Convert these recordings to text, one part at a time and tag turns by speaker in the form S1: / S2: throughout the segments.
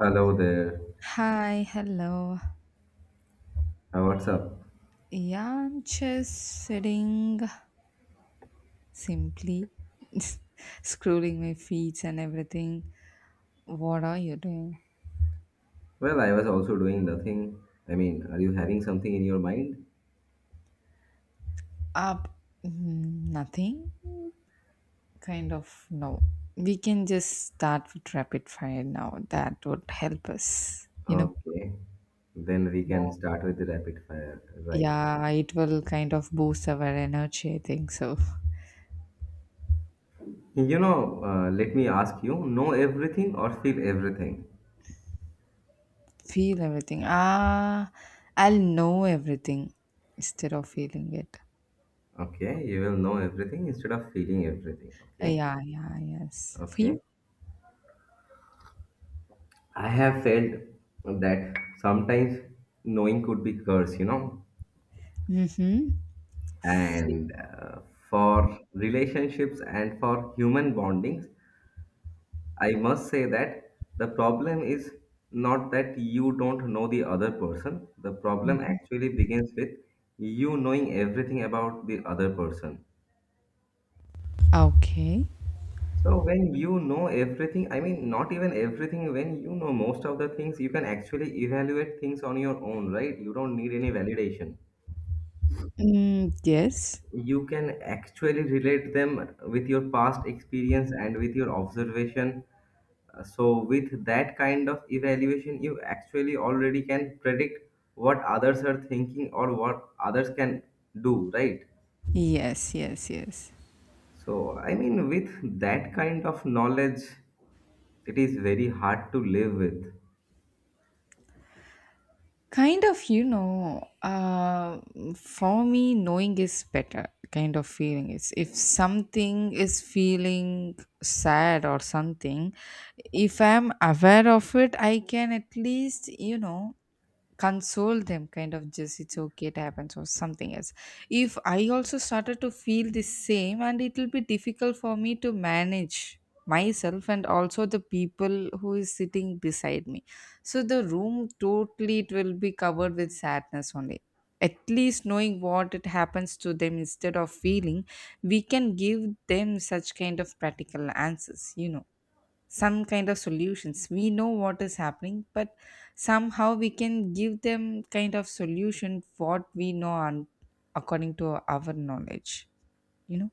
S1: Hello there.
S2: Hi, hello.
S1: What's up?
S2: Yeah, I'm just sitting simply, scrolling my feet and everything. What are you doing?
S1: Well, I was also doing nothing. I mean, are you having something in your mind?
S2: Up, nothing. Kind of no. We can just start with rapid fire now. That would help us.
S1: Okay. Then we can start with the rapid fire. Right.
S2: Yeah, it will kind of boost our energy. I think so.
S1: Let me ask you know everything or feel everything?
S2: Feel everything. Ah, I'll know everything instead of feeling it.
S1: Okay. You will know everything instead of feeling everything. Okay.
S2: Yeah, yeah, yes. Few.
S1: Okay. I have felt that sometimes knowing could be curse, you know,
S2: Mm-hmm. Few.
S1: and for relationships and for human bondings, I must say that the problem is not that you don't know the other person. The problem actually begins with you knowing everything about the other person.
S2: Okay.
S1: So when you know everything, I mean, not even everything, when you know most of the things, you can actually evaluate things on your own, right? You don't need any validation.
S2: Mm, yes.
S1: You can actually relate them with your past experience and with your observation. So with that kind of evaluation you actually already can predict what others are thinking or what others can do, right?
S2: Yes, yes, yes.
S1: So I mean with that kind of knowledge, it is very hard to live with.
S2: Kind of, for me, knowing is better, kind of feeling is if something is feeling sad or something. If I'm aware of it, I can at least console them, kind of just it's okay, it happens, or something else. If I also started to feel the same, and it will be difficult for me to manage myself and also the people who is sitting beside me, so the room totally it will be covered with sadness only. At least knowing what it happens to them instead of feeling, we can give them such kind of practical answers. Some kind of solutions, we know what is happening, but somehow we can give them kind of solution what we know and according to our knowledge you know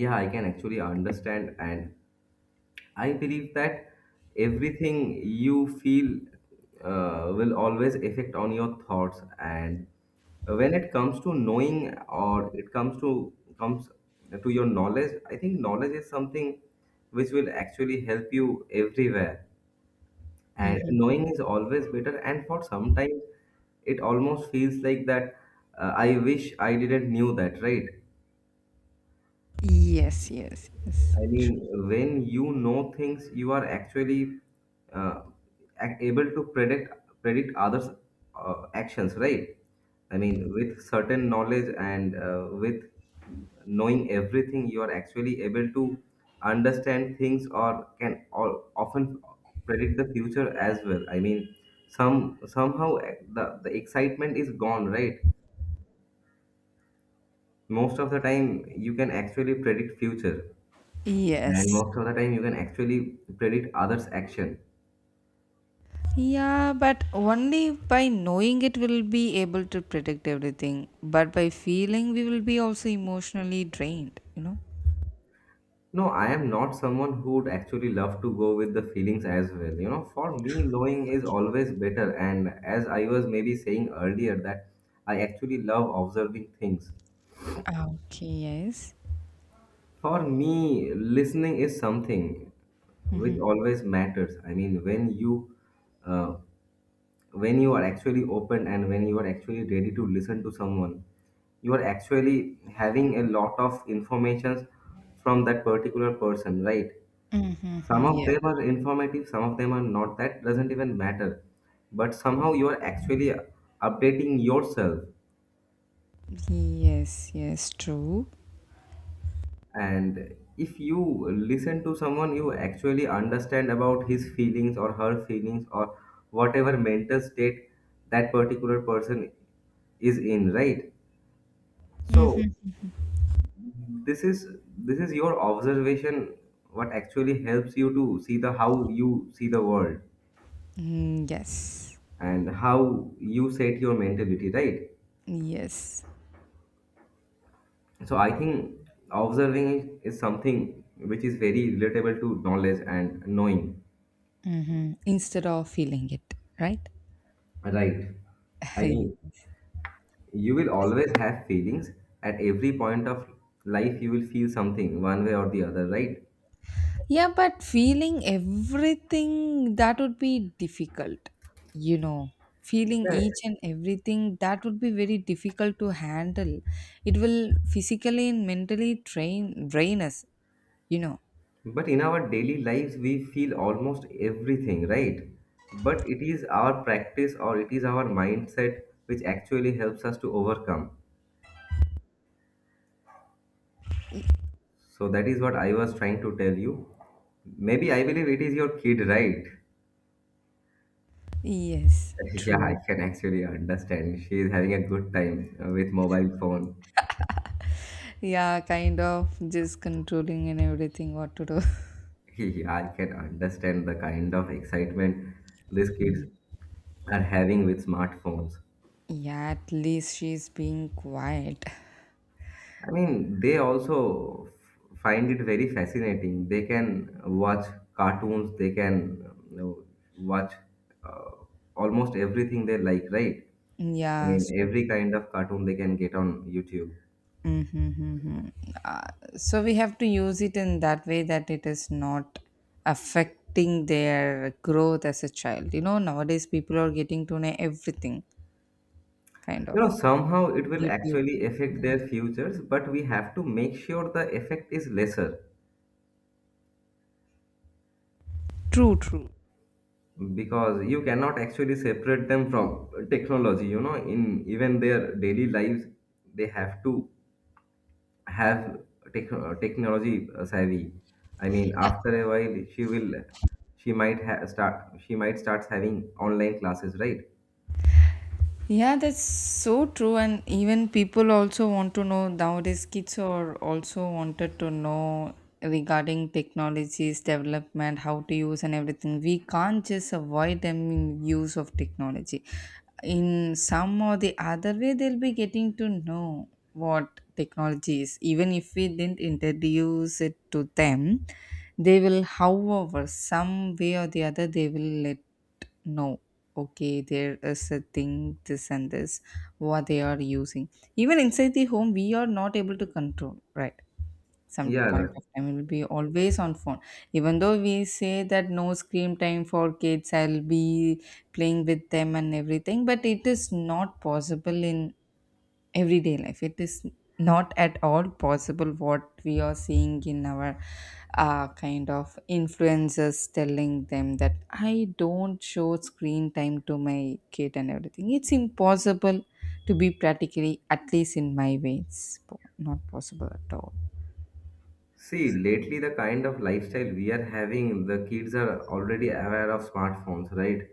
S1: Yeah, I can actually understand, and I believe that everything you feel will always affect on your thoughts, and when it comes to knowing or it comes to your knowledge, I think knowledge is something which will actually help you everywhere. And
S2: hmm.
S1: knowing is always better. And for sometimes it almost feels like that I wish I didn't knew that, right?
S2: Yes, yes, yes.
S1: I mean, when you know things, you are actually uh, able to predict others' actions, right? I mean, with certain knowledge and with knowing everything, you are actually able to understand things or can or often predict the future as well. I mean, somehow the excitement is gone, right? Most of the time, you can actually predict future. And
S2: Yes.
S1: most of the time, you can actually predict others' action.
S2: Yeah, but only by knowing it will be able to predict everything, but by feeling we will be also emotionally drained.
S1: No, I am not someone who would actually love to go with the feelings as well. You know, for me, knowing is always better. And as I was maybe saying earlier, that I actually love observing things.
S2: Okay, yes.
S1: For me, listening is something which
S2: Mm-hmm.
S1: always matters. I mean, uh, when you are actually open and when you are actually ready to listen to someone, you are actually having a lot of informations from that particular person, right? Some
S2: Mm-hmm.
S1: of
S2: Yeah.
S1: them are informative, some of them are not. That doesn't even matter, but somehow you are actually updating yourself.
S2: Yes, yes, true.
S1: And if you listen to someone, you actually understand about his feelings or her feelings or whatever mental state that particular person is in, right? So this is this is your observation what actually helps you to see the how you see the world
S2: Mm, yes.
S1: and how you set your mentality, right?
S2: Yes.
S1: So I think observing is something which is very relatable to knowledge and knowing.
S2: Hmm. Instead of feeling it, right?
S1: Right. I mean,
S2: Yeah.
S1: you will always have feelings at every point of life. You will feel something one way or the other, right?
S2: Yeah, but feeling everything that would be difficult, you know. Feeling
S1: Yeah.
S2: each and everything that would be very difficult to handle. It will physically and mentally train drain us, you know.
S1: But in our daily lives, we feel almost everything, right? But it is our practice or it is our mindset which actually helps us to overcome. So that is what I was trying to tell you. Maybe I believe it is your kid, right?
S2: Yes,
S1: Yeah, I
S2: true.
S1: can actually understand. She is having a good time with mobile phone.
S2: Yeah, kind of just controlling and everything what to do.
S1: Yeah, I can understand the kind of excitement these kids
S2: Mm.
S1: are having with smartphones.
S2: Yeah, at least she's being quiet.
S1: I mean, they also find it very fascinating. They can watch cartoons, they can, you know, watch uh, almost everything they like, right? I
S2: Yeah,
S1: mean,
S2: so.
S1: every kind of cartoon they can get on YouTube.
S2: Mm-hmm, mm-hmm. Uh, so we have to use it in that way that it is not affecting their growth as a child. Nowadays people are getting to know everything, kind
S1: You
S2: of.
S1: know, somehow it will
S2: Due to YouTube.
S1: actually affect their futures, but we have to make sure the effect is lesser
S2: True, true.
S1: because you cannot actually separate them from technology. You know, in even their daily lives, they have to have tech technology savvy. I mean,
S2: Yeah.
S1: after a while, start, she might start having online classes, right?
S2: Yeah, that's so true. And even people also want to know nowadays, kids are also wanted to know regarding technologies, development, how to use, and everything. We can't just avoid them in use of technology. In some or the other way, they'll be getting to know what technology is, even if we didn't introduce it to them. They will, however, some way or the other, they will let know, okay, there is a thing this and this, what they are using. Even inside the home we are not able to control, right? Some point
S1: Yeah.
S2: of time it will be always on phone. Even though we say that no screen time for kids, I'll be playing with them and everything, but it is not possible in everyday life. It is not at all possible what we are seeing in our, kind of, influencers telling them that I don't show screen time to my kid and everything. It's impossible to be practically, at least in my way, it's not possible at all.
S1: See, lately the kind of lifestyle we are having, the kids are already aware of smartphones, right?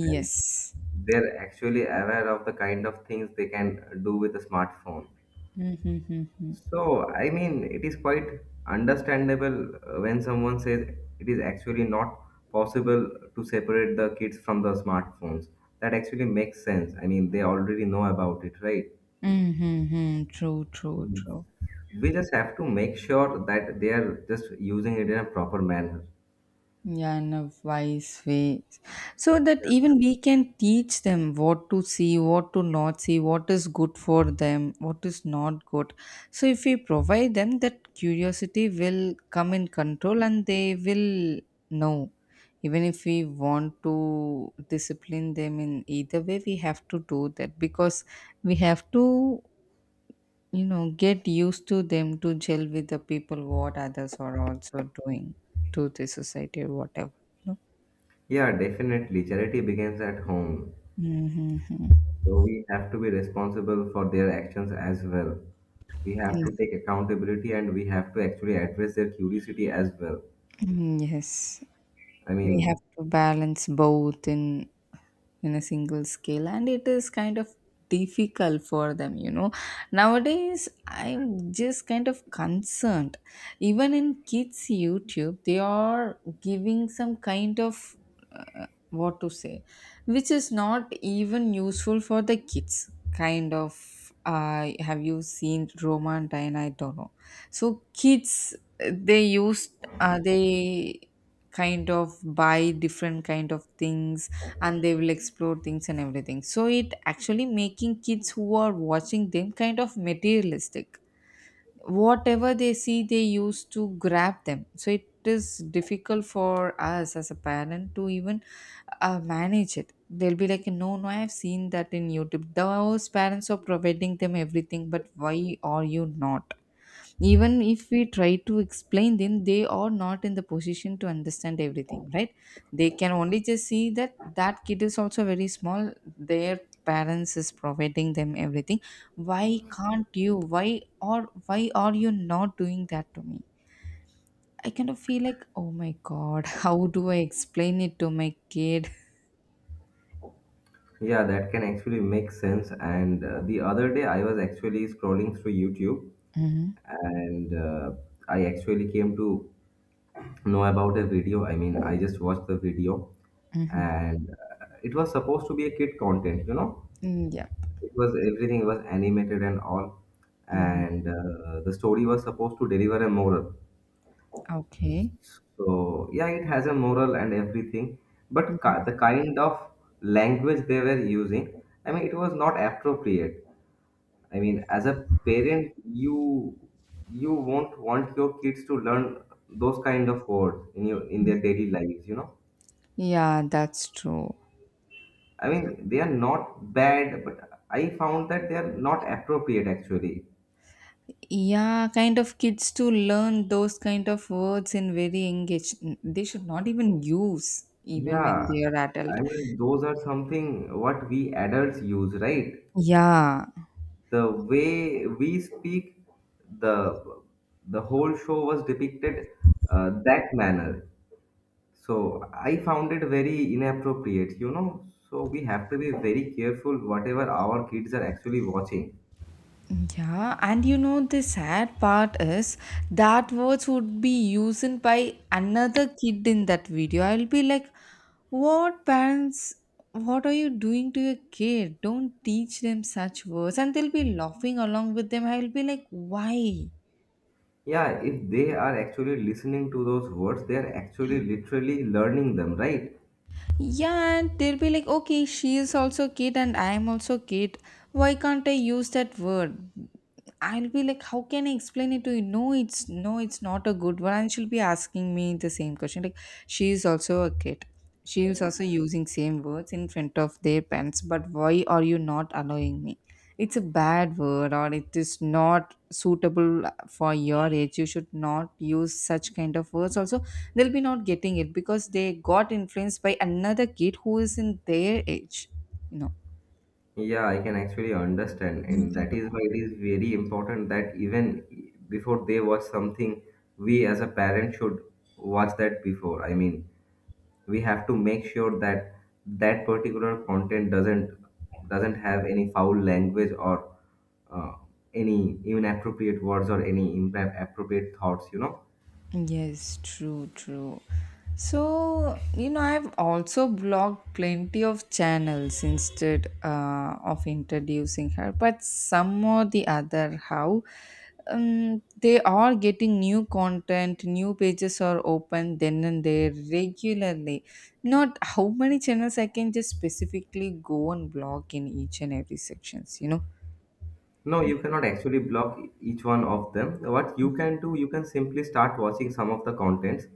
S1: And they're actually aware of the kind of things they can do with a smartphone.
S2: Mm-hmm. Mm-hmm.
S1: So, I mean, it is quite understandable when someone says it is actually not possible to separate the kids from the smartphones. That actually makes sense. I mean, they already know about it, right?
S2: Mm-hmm, true, true, true.
S1: We just have to make sure that they are just using it in a proper manner.
S2: Yeah, in a wise way. So that even we can teach them what to see, what to not see, what is good for them, what is not good. So if we provide them, that curiosity will come in control and they will know. Even if we want to discipline them in either way, we have to do that because we have to, get used to them, to gel with the people what others are also doing to the society or whatever you know
S1: Yeah, definitely. Charity begins at home.
S2: mm-hmm.
S1: So we have to be responsible for their actions as well. We have to
S2: Yes.
S1: take accountability and we have to actually address their curiosity as well.
S2: Mm, yes.
S1: I
S2: We
S1: mean,
S2: have to balance both in a single scale and it is kind of difficult for them. Nowadays I'm just kind of concerned. Even in kids YouTube they are giving some kind of, what to say, which is not even useful for the kids. Kind of, have you seen Romantine, I don't know. So kids, they kind of buy different kind of things and they will explore things and everything, so it actually making kids who are watching them kind of materialistic. Whatever they see, they use to grab them. So it is difficult for us as a parent to even, manage it. They'll be like, no, no, I have seen that in YouTube, those parents are providing them everything, but why are you not? Even if we try to explain them, they are not in the position to understand everything, right? They can only just see that that kid is also very small, their parents is providing them everything, why can't you, why, or why are you not doing that to me? I kind of feel like, oh my god, how do I explain it to my kid?
S1: yeah, that can actually make sense. And the other day, I was actually scrolling through YouTube
S2: Mm-hmm,
S1: and I actually came to know about a video. I mean, I just watched the video
S2: mm-hmm.
S1: and it was supposed to be a kid content, you know?
S2: Mm, yeah.
S1: It was everything was animated and all.
S2: Mm-hmm.
S1: And the story was supposed to deliver a moral.
S2: Okay.
S1: So, yeah, it has a moral and everything. But ki
S2: Mhm.
S1: the kind of language they were using, I mean, it was not appropriate. I mean, as a parent, you won't want your kids to learn those kind of words in your in their daily lives, you know.
S2: Yeah, that's true.
S1: I mean, they are not bad, but I found that they are not appropriate actually.
S2: Yeah, kind of kids to learn those kind of words in very engaged. They should not even use even when
S1: Yeah,
S2: they are adult.
S1: I mean, those are something what we adults use, right?
S2: Yeah,
S1: The way we speak, the the whole show was depicted that manner. So I found it very inappropriate, you know. So we have to be very careful whatever our kids are actually watching.
S2: yeah, and you know the sad part is that words would be used by another kid in that video. I'll be like, what parents? What are you doing to your kid? Don't teach them such words, and they'll be laughing along with them. I'll be like, why?
S1: Yeah, if they are actually listening to those words, they are actually literally learning them, right?
S2: Yeah, and they'll be like, okay, she is also kid and I am also kid. Why can't I use that word? I'll be like, how can I explain it to you? No, it's not a good one. And she'll be asking me the same question. Like, she is also a kid. She is also using same words in front of their parents. But why are you not allowing me? It's a bad word, or it is not suitable for your age. You should not use such kind of words. Also, they'll be not getting it because they got influenced by another kid who is in their age you know
S1: Yeah, I can actually understand. And that is why it is very important that even before they watch something, we as a parent should watch that before. I mean, we have to make sure that that particular content doesn't have any foul language or uh, any inappropriate words or any inappropriate thoughts, you know.
S2: Yes, true, true. So, I've also blocked plenty of channels instead of introducing her, but some or the other, how, they are getting new content, new pages are open then and there regularly. Not how many channels I can just specifically go and block in each and every sections.
S1: No, you cannot actually block each one of them. What you can do, you can simply start watching some of the contents,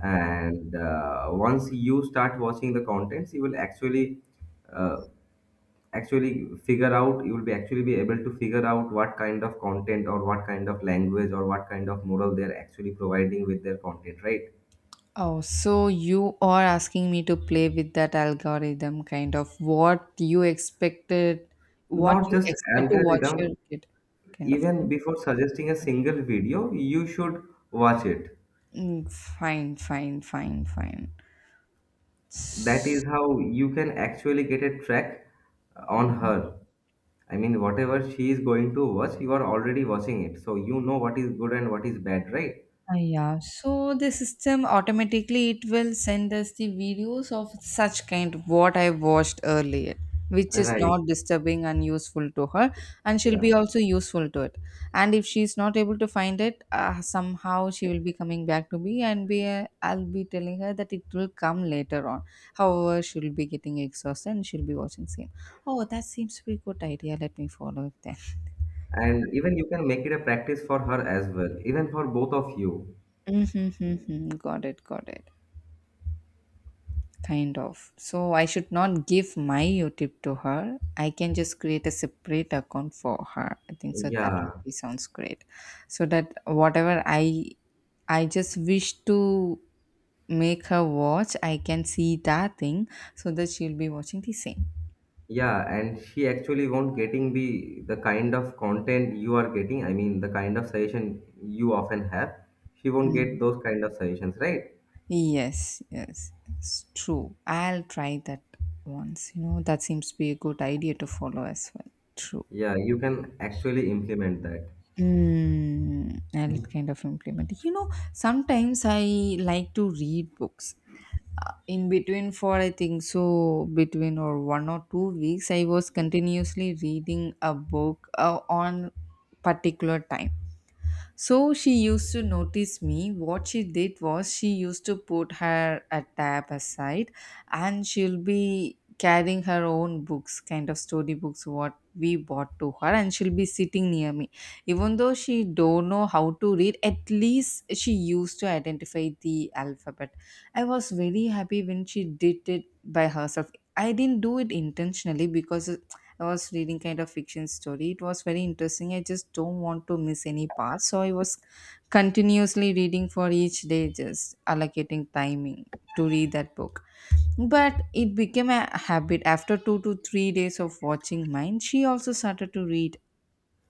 S1: and once you start watching the contents, you will uh, actually figure out. You will be able to figure out what kind of content or what kind of language or what kind of moral they're actually providing with their content, right?
S2: Oh, so you are asking me to play with that algorithm kind of what you expected, what
S1: Not
S2: you
S1: just
S2: expect to watch your
S1: algorithm.
S2: kid kind of
S1: Even
S2: thing.
S1: before suggesting a single video, you should watch it.
S2: Mm, fine, fine, fine, fine.
S1: That is how you can actually get a track on her. I mean, whatever she is going to watch, you are already watching it, so you know what is good and what is bad, right?
S2: Ah, yeah. So the system automatically it will send us the videos of such kind what I watched earlier, which is
S1: Right.
S2: not disturbing and useful to her, and she'll be
S1: Yeah.
S2: also useful to it. And if she's not able to find it, somehow she will be coming back to me, and be I'll be telling her that it will come later on. However, she'll be getting exhausted and she'll be watching same. Oh, that seems to be a good idea. Let me follow it then.
S1: And even you can make it a practice for her as well, even for both of you.
S2: Mm-hmm, mm-hmm. Got it. Got it. Kind of. So I should not give my YouTube to her. I can just create a separate account for her. I think so that would
S1: Yeah,
S2: be sounds great. So that whatever I just wish to make her watch, I can see that thing so that she'll be watching the same.
S1: yeah, and she actually won't getting the kind of content you are getting. I mean, the kind of suggestion you often have. She won't
S2: Mm.
S1: get those kind of suggestions, right?
S2: Yes, yes, it's true. I'll try that once. That seems to be a good idea to follow as well. True.
S1: Yeah, you can actually implement that.
S2: I'll kind of implement. Sometimes I like to read books. In between for I think so between or 1 or 2 weeks, I was continuously reading a book on particular time, so she used to notice me. What she did was she used to put her a tab aside and she'll be carrying her own books, kind of story books what we bought to her, and she'll be sitting near me. Even though she don't know how to read, at least she used to identify the alphabet. I was very happy when she did it by herself. I didn't do it intentionally because I was reading kind of fiction story. It was very interesting. I just don't want to miss any part. So I was continuously reading for each day, just allocating timing to read that book. But it became a habit. After 2 to 3 days of watching mine, she also started to read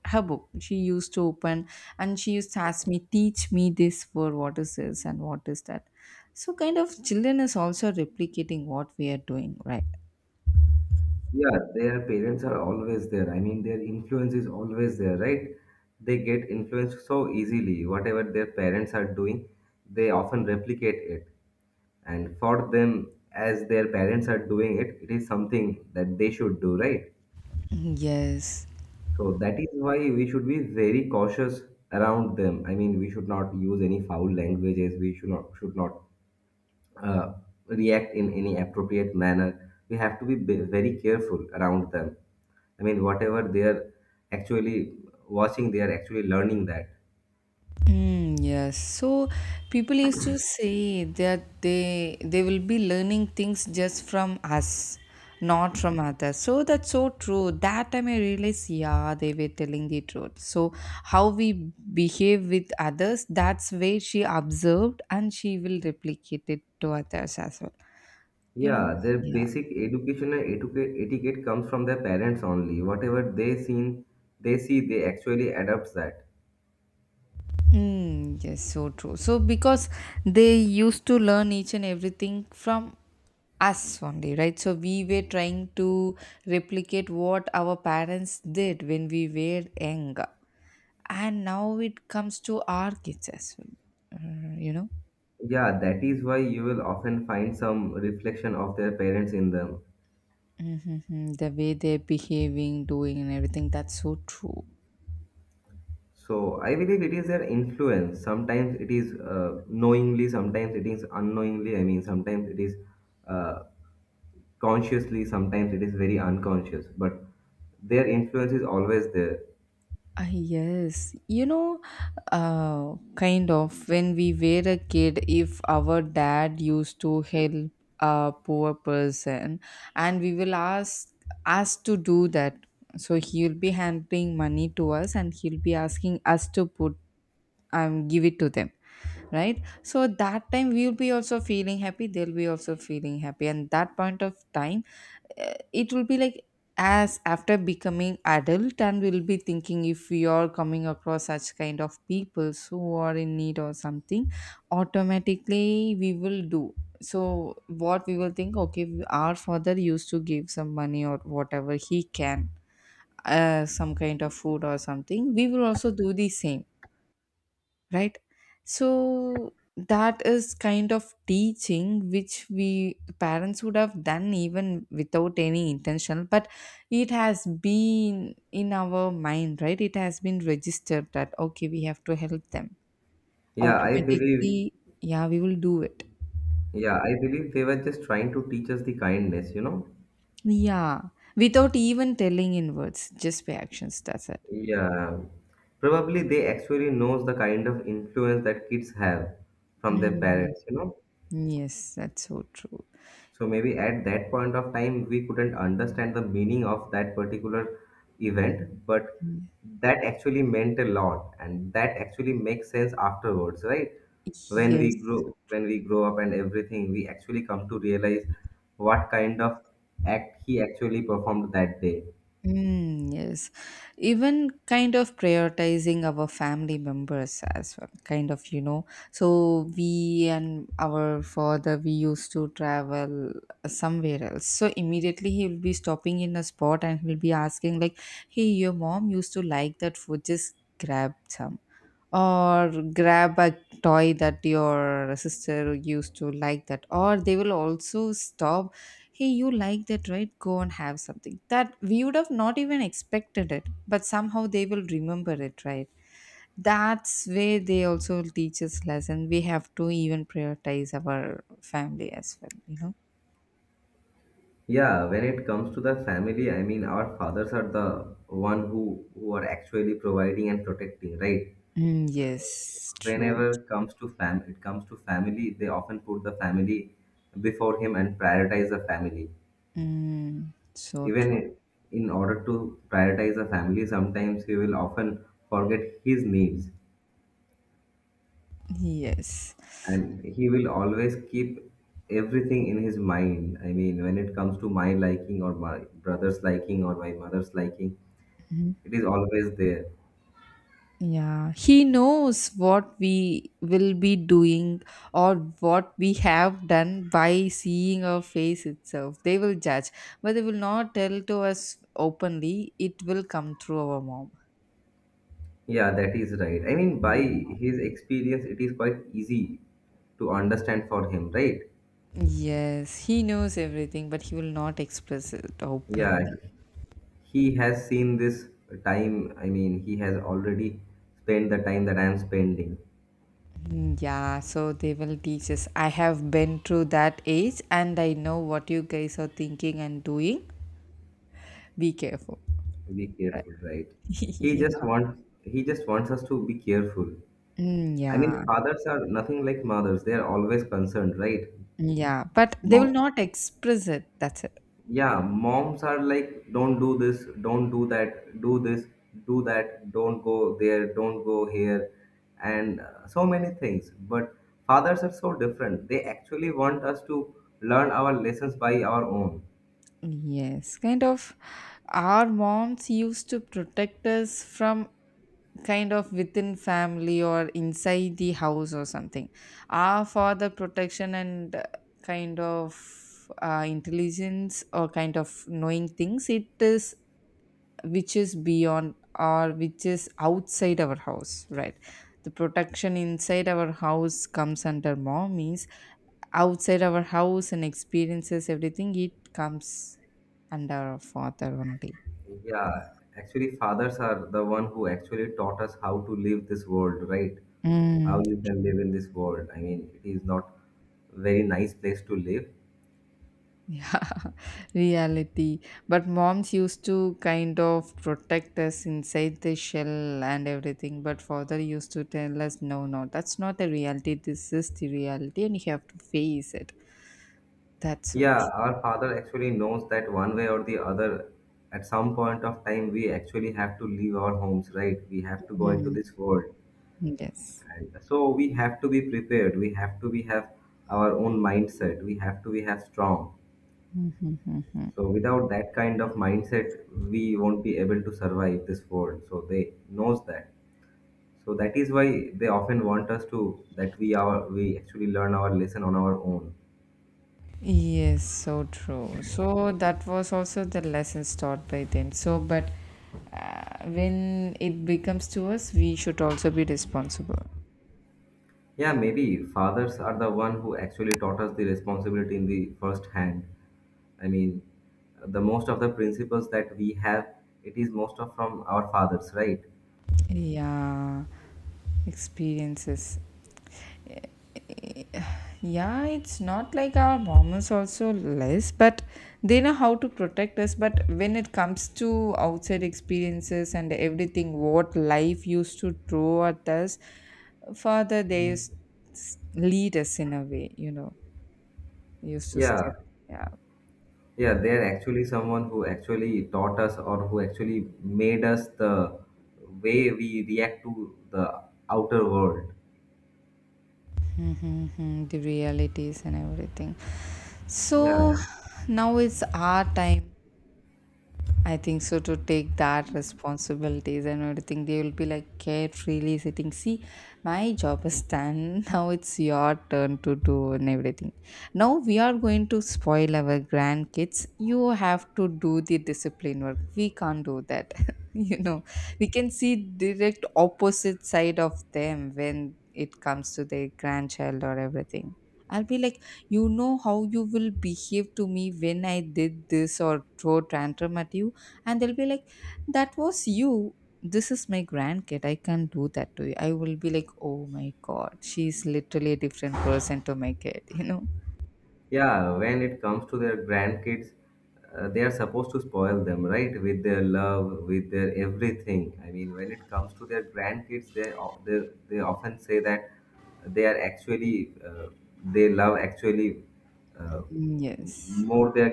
S2: her book. She used to open and she used to ask me, teach me this word, what is this and what is that. So kind of children is also replicating what we are doing, right?
S1: Yeah, their parents are always there. I mean, their influence is always there, right? They get influenced so easily. Whatever their parents are doing, they often replicate it. And for them, as their parents are doing it, it is something that they should do, right?
S2: Yes.
S1: So that is why we should be very cautious around them. I mean, we should not use any foul languages. We should not uh, react in any appropriate manner. We have to be very careful around them. I mean, whatever they are actually watching, they are actually learning that.
S2: Mm, yes. So people used to say that they will be learning things just from us, not from others. So that's so true. That time I realized, yeah, they were telling the truth. So how we behave with others, that's where she observed and she will replicate it to others as well. You know?
S1: Yeah, their
S2: Yeah.
S1: basic educational etiquette comes from their parents only. Whatever they they see, they actually adopt that.
S2: Mm, yes, so true. So because they used to learn each and everything from us only, right? So we were trying to replicate what our parents did when we were younger, and now it comes to our kids as well. Uh, you know,
S1: Yeah, that is why you will often find some reflection of their parents in them.
S2: the way they're behaving, doing, and everything. That's so true.
S1: So I believe it is their influence. Sometimes it is knowingly, sometimes it is unknowingly. I mean, sometimes it is uh, consciously, sometimes it is very unconscious. But their influence is always there.
S2: Ah, yes, kind of when we were a kid, if our dad used to help a poor person, and we will asked to do that, so he'll be handing money to us, and he'll be asking us to put give it to them, right? So that time we'll be also feeling happy, they'll be also feeling happy, and that point of time it will be like as after becoming adult, and we'll be thinking if we are coming across such kind of people who are in need or something, automatically we will do. So what we will think, okay, our father used to give some money or whatever he can, some kind of food or something, we will also do the same, right? So that is kind of teaching which we parents would have done even without any intention, but it has been in our mind, right? It has been registered that okay, we have to help them
S1: Yeah, I believe
S2: automatically. Yeah, we will do it.
S1: Yeah, I believe they were just trying to teach us the kindness, you know?
S2: Yeah, without even telling in words, just by actions, that's it.
S1: Yeah. Probably they actually knows the kind of influence that kids have from their
S2: Mhm.
S1: parents, you know?
S2: Yes, that's so true.
S1: So maybe at that point of time we couldn't understand the meaning of that particular event, but
S2: Mm.
S1: that actually meant a lot and that actually makes sense afterwards, right?
S2: Yes.
S1: When we grow up and everything, we actually come to realize what kind of act he actually performed that day.
S2: Mm, yes. Even kind of prioritizing our family members as well, kind of. So we and our father, we used to travel somewhere else. So immediately he will be stopping in a spot and he'll be asking, like, hey, your mom used to like that food, just grab some. Or grab a toy that your sister used to like that. Or they will also stop, hey, you like that, right? Go and have something that we would have not even expected it, but somehow they will remember it, right? That's where they also teach us lesson. We have to even prioritize our family as well.
S1: Yeah, when it comes to the family, I mean, our fathers are the one who are actually providing and protecting, right?
S2: Mm, yes, true.
S1: Whenever it comes to family, they often put the family before him and prioritize the family.
S2: Mm, so true.
S1: Even in order to prioritize the family, sometimes he will often forget his needs,
S2: Yes.
S1: and he will always keep everything in his mind. I mean, when it comes to my liking or my brother's liking or my mother's liking,
S2: Mm-hmm.
S1: it is always there.
S2: Yeah, he knows what we will be doing or what we have done by seeing our face itself. They will judge, but they will not tell to us openly. It will come through our mom.
S1: Yeah, that is right. I mean, by
S2: Yeah.
S1: his experience, it is quite easy to understand for him, right?
S2: Yes, he knows everything, but he will not express it openly.
S1: Yeah, he has seen this time. I mean, he has already spent the time that I am spending.
S2: Mm, yeah, so they will teach us. I have been through that age and I know what you guys are thinking and doing. Be careful.
S1: Be
S2: Right.
S1: careful, right? He
S2: Yeah.
S1: just wants he just wants us to be careful.
S2: Mm,
S1: I mean,
S2: yeah.
S1: fathers are nothing like mothers. They are always concerned, right?
S2: Yeah, but they will
S1: Mom.
S2: not express it. That's it.
S1: Yeah, moms are like, don't do this, don't do that, do this, do that, don't go there, don't go here, and so many things, but fathers are so different. They actually want us to learn our lessons by our own.
S2: Yes, kind of our moms used to protect us from kind of within family or inside the house or something. Our father protection and kind of intelligence or kind of knowing things, it is which is beyond or which is outside our house, right? The protection inside our house comes under mom. Means, outside our house and experiences everything, it comes under our father only.
S1: Yeah, actually fathers are the one who actually taught us how to live this world, right? How
S2: Mm,
S1: you can live in this world. I mean, it is not very nice place to live.
S2: yeah. Reality. But moms used to kind of protect us inside the shell and everything. But father used to tell us, no, no, that's not the reality. This is the reality, and you have to face it. That's it.
S1: Yeah, our father actually knows that one way or the other, at some point of time, we actually have to leave our homes, right? We have to go into this world.
S2: Yes.
S1: And so we have to be prepared. We have to be have our own mindset. We have to be have strong.
S2: Mhm.
S1: So without that kind of mindset, we won't be able to survive this world. So they knows that. So that is why they often want us to that we actually learn our lesson on our own.
S2: Yes, so true. So that was also the lessons taught by them. So, but when it becomes to us, we should also be responsible.
S1: Yeah, maybe fathers are the one who actually taught us the responsibility in the first hand. I mean, the most of the principles that we have, it is most of from our fathers, right?
S2: Yeah, experiences. Yeah, it's not like our mom is also less, but they know how to protect us. But when it comes to outside experiences and everything, what life used to throw at us, father, they used lead us in a way, used to step.
S1: Yeah,
S2: Yeah.
S1: yeah, they're actually someone who actually taught us or who actually made us the way we react to the outer world.
S2: Mm-hmm, the realities and everything.
S1: Yeah.
S2: So now it's our time, I think so, to take that responsibilities and everything. They will be like carefreely sitting. See, my job is done. Now it's your turn to do and everything. Now we are going to spoil our grandkids. You have to do the discipline work. We can't do that. You know, we can see direct opposite side of them when it comes to their grandchild or everything. I'll be like, you know how you will behave to me when I did this or throw tantrum at you, and they'll be like, that was you. This is my grandkid. I can't do that to you. I will be like, oh my god, she's literally a different person to my kid.
S1: Yeah, when it comes to their grandkids, they are supposed to spoil them, right? With their love, with their everything. I mean, when it comes to their grandkids, they often say that they are actually they love actually uh,
S2: Mm, yes.
S1: more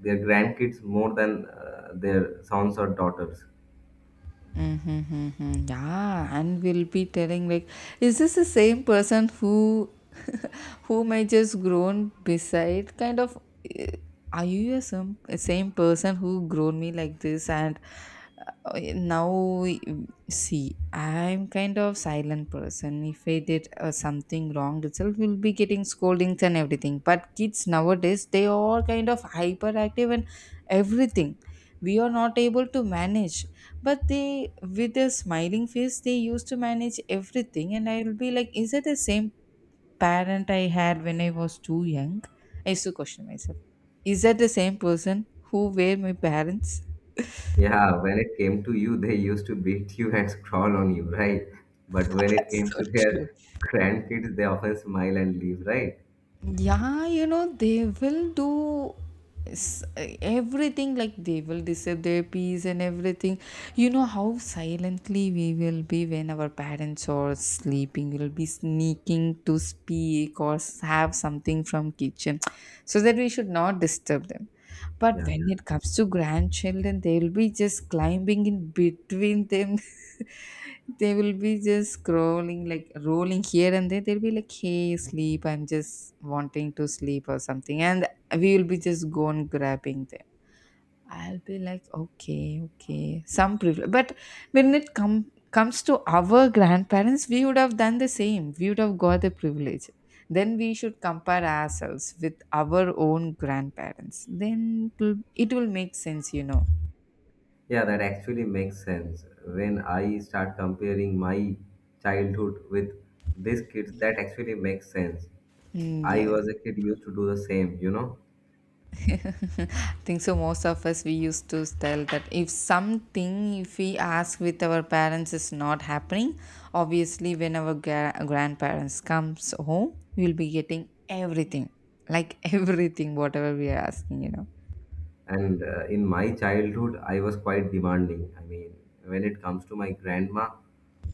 S1: their grandkids more than their sons or daughters.
S2: Mm-hmm, hmm. Yeah, and we'll be telling like, is this the same person who, whom I just grown beside? Kind of, eh, are you a some same person who grown me like this? And now, see, I'm kind of silent person. If I did something wrong itself, we'll be getting scoldings and everything. But kids nowadays, they are kind of hyperactive and everything. We are not able to manage, but they with a smiling face they used to manage everything. And I'll be like, is it the same parent I had when I was too young? I used to question myself, is that the same person who were my parents?
S1: Yeah, when it came to you, they used to beat you and crawl on you, right? But when it came to their grandkids, they often smile and leave, right?
S2: Yeah, they will do s- everything like they will disturb their peace and everything. You know how silently we will be when our parents are sleeping. We'll be sneaking to speak or have something from kitchen, so that we should not disturb them. But
S1: Yeah,
S2: when it comes to grandchildren, they will be just climbing in between them. They will be just scrolling, like rolling here and there. They'll be like, hey, sleep. I'm just wanting to sleep or something. And we will be just gone grabbing them. I'll be like, okay, okay. Some privilege. But when it comes to our grandparents, we would have done the same. We would have got the privilege. Then we should compare ourselves with our own grandparents. Then it will make sense.
S1: yeah, that actually makes sense. When I start comparing my childhood with these kids, that actually makes sense.
S2: Mm,
S1: I
S2: yes.
S1: was a kid used to do the same, you know.
S2: I think so most of us we used to tell that if we ask with our parents is not happening, obviously when our grandparents comes home we'll be getting everything, like, everything whatever we are asking.
S1: And in my childhood, I was quite demanding. I mean, when it comes to my grandma,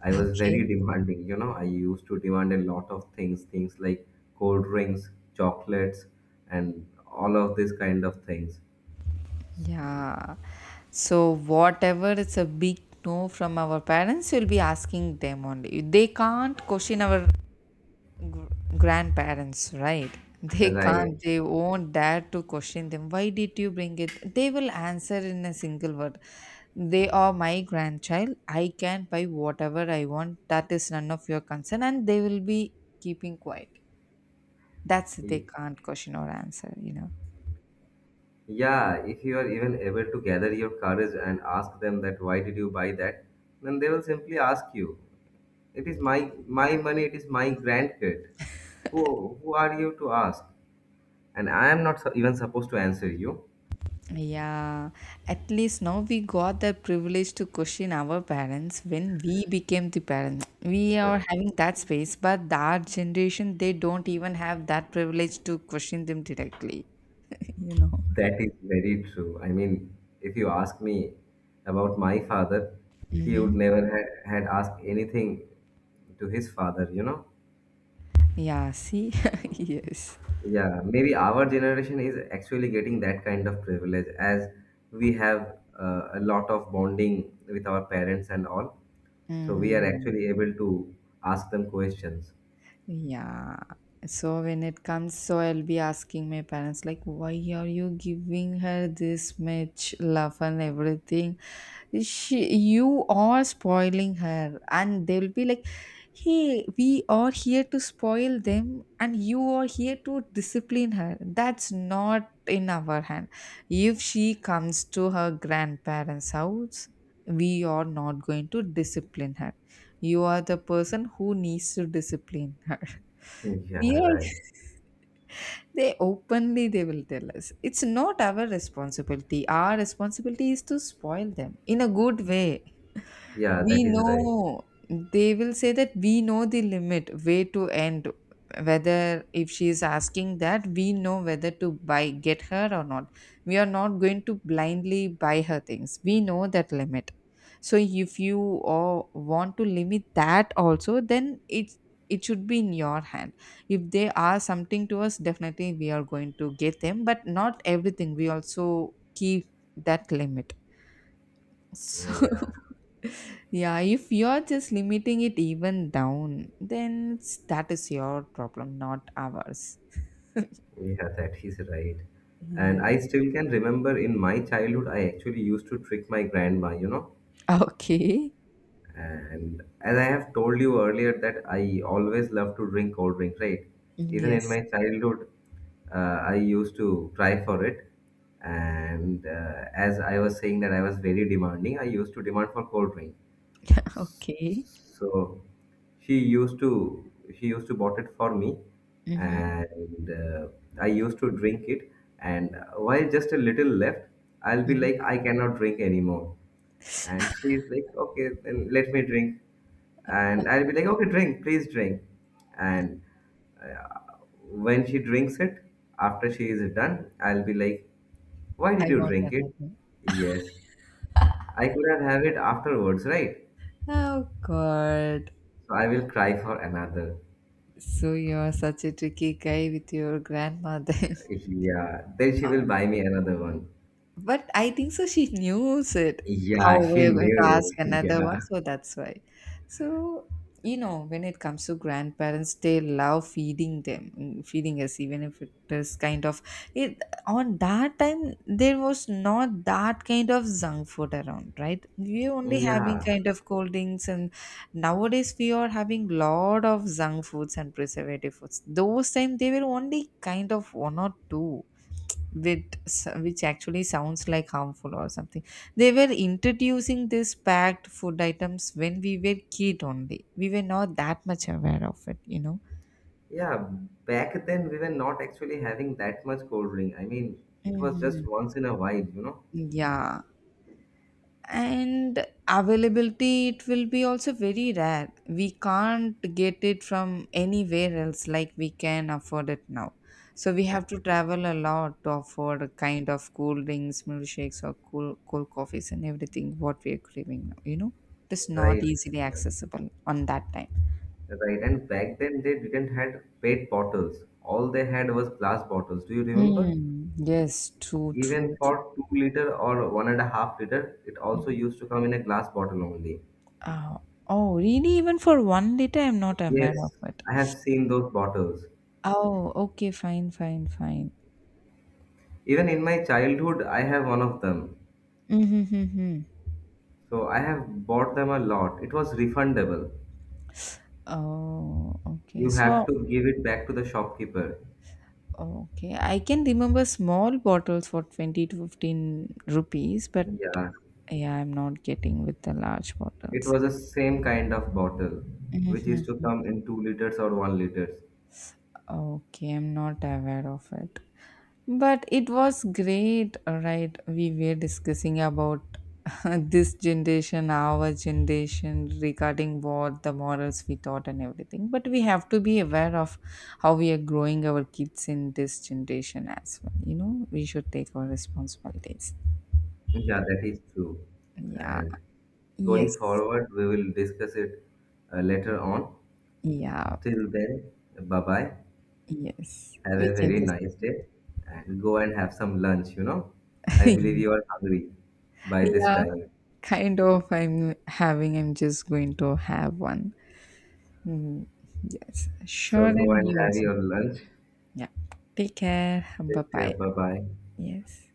S1: I was
S2: Okay.
S1: very demanding, you know. I used to demand a lot of things, things like cold drinks, chocolates, and all of these kind of things.
S2: Yeah, so whatever it's a big no from our parents we'll be asking them only. They can't question our grandparents, right? They
S1: That I,
S2: can't, they won't dare to question them. Why did you bring it? They will answer in a single word. They are my grandchild. I can buy whatever I want. That is none of your concern. And they will be keeping quiet. That's they can't question or answer, you know.
S1: Yeah, if you are even able to gather your courage and ask them that why did you buy that, then they will simply ask you, it is my money, it is my grandkid. Who are you to ask? And I am not even supposed to answer you.
S2: Yeah, at least now we got the privilege to question our parents when we became the parents. We are
S1: That
S2: having that space, but that generation they don't even have that privilege to question them directly. you know.
S1: that is very true. I mean, if you ask me about my father, he would
S2: Mm-hmm.
S1: never had asked anything to his father, you know.
S2: Yeah, see, yes.
S1: Yeah, maybe our generation is actually getting that kind of privilege as we have a lot of bonding with our parents and all. So we are
S2: Mm-hmm.
S1: actually able to ask them questions.
S2: Yeah. So when it comes, so I'll be asking my parents, like, why are you giving her this much love and everything? She, you are spoiling her. And they'll be like, hey, we are here to spoil them, and you are here to discipline her. That's not in our hand. If she comes to her grandparents' house, we are not going to discipline her. You are the person who needs to discipline her.
S1: Yeah,
S2: We are,
S1: right.
S2: they openly they will tell us, it's not our responsibility. Our responsibility is to spoil them in a good way.
S1: Yeah,
S2: We
S1: that is right.
S2: know, they will say, that we know the limit way to end, whether if she is asking that we know whether to buy get her or not, we are not going to blindly buy her things, we know that limit. So if you want to limit that also, then it's, it should be in your hand. If they are something to us, definitely we are going to get them, but not everything, we also keep that limit.
S1: Uh,
S2: So.
S1: Yeah,
S2: Yeah, if you're just limiting it even down, then that is your problem, not ours.
S1: yeah, that is right.
S2: Yeah.
S1: And I still can remember in my childhood, I actually used to trick my grandma, you know.
S2: Okay.
S1: And as I have told you earlier, that I always love to drink cold drink, right? Even
S2: Yes.
S1: in my childhood, uh, I used to try for it. And as I was saying that I was very demanding, I used to demand for cold drink.
S2: Okay.
S1: So she used to she used to bought it for me,
S2: Mm-hmm.
S1: and I used to drink it. And while just a little left, I'll be
S2: hmm
S1: like, I cannot drink anymore. And she's like, okay, then let me drink. And I'll be like, okay, drink, please drink. And when she drinks it, after she is done, I'll be like, why
S2: I
S1: did you
S2: want
S1: drink it?
S2: another.
S1: Yes, I could have it afterwards, right?
S2: Oh God.
S1: So I will cry for another.
S2: So you're such a tricky guy with your grandmother.
S1: Yeah. Then she will buy me another one.
S2: But I think so she knows it, how
S1: Yeah, she
S2: we're going to
S1: knew
S2: ask
S1: it.
S2: another one,
S1: Yeah.
S2: so that's why. So, when it comes to grandparents, they love feeding us, even if it is kind of it on that time there was not that kind of junk food around, right? We were only having
S1: Yeah.
S2: kind of cold drinks, and nowadays we are having lot of junk foods and preservative foods. Those time they were only kind of one or two with which actually sounds like harmful or something. They were introducing this packed food items when we were kid only, we were not that much aware of it.
S1: Yeah. Back then we were not actually having that much cold drink. I mean, it was just
S2: Mhm.
S1: once in a while, you know.
S2: Yeah, and availability it will be also very rare. We can't get it from anywhere else like we can afford it now. So we have
S1: A-
S2: to travel a lot to afford a kind of cool drinks, milkshakes, or cool cold coffees and everything what we are craving now. It is not
S1: Right.
S2: easily accessible on that time.
S1: Right. And back then they didn't had pet bottles. All they had was glass bottles. Do you remember?
S2: Mm, yes, true, true,
S1: Even
S2: true.
S1: for 2 liter or 1.5 liter, it also
S2: Mhm.
S1: used to come in a glass bottle only.
S2: Uh, oh really, even for 1 liter I'm not aware of
S1: Yes,
S2: it.
S1: I have seen those bottles.
S2: Oh, okay, fine, fine, fine.
S1: Even in my childhood, I have one of them.
S2: Mm-hmm.
S1: So I have bought them a lot. It was refundable.
S2: Oh, okay.
S1: You have
S2: So,
S1: to give it back to the shopkeeper.
S2: okay. I can remember small bottles for 20 to 15 rupees, but
S1: Yeah.
S2: yeah, I'm not getting with the large
S1: It
S2: bottles.
S1: was the same kind of bottle, which used to
S2: Mhm.
S1: come in 2 liters or 1 liters.
S2: Okay, I'm not aware of it. But it was great, right? We were discussing about this generation, our generation, regarding what the morals we taught and everything. But we have to be aware of how we are growing our kids in this generation as well. You know, we should take our responsibilities.
S1: Yeah, that is true.
S2: Yeah.
S1: And going
S2: Yes.
S1: forward, we will discuss it later on.
S2: Yeah.
S1: Till then, bye bye.
S2: Yes.
S1: Have
S2: We
S1: a
S2: can
S1: very
S2: just.
S1: nice day and go and have some lunch, you know. I believe you are hungry by this
S2: Yeah.
S1: time.
S2: Kind of. I'm having. I'm just going to have one. Mm, yes. Sure.
S1: So go
S2: And
S1: and
S2: you
S1: have
S2: also.
S1: your lunch.
S2: Yeah. Take care. Bye
S1: Take care.
S2: bye.
S1: Bye bye.
S2: Yes.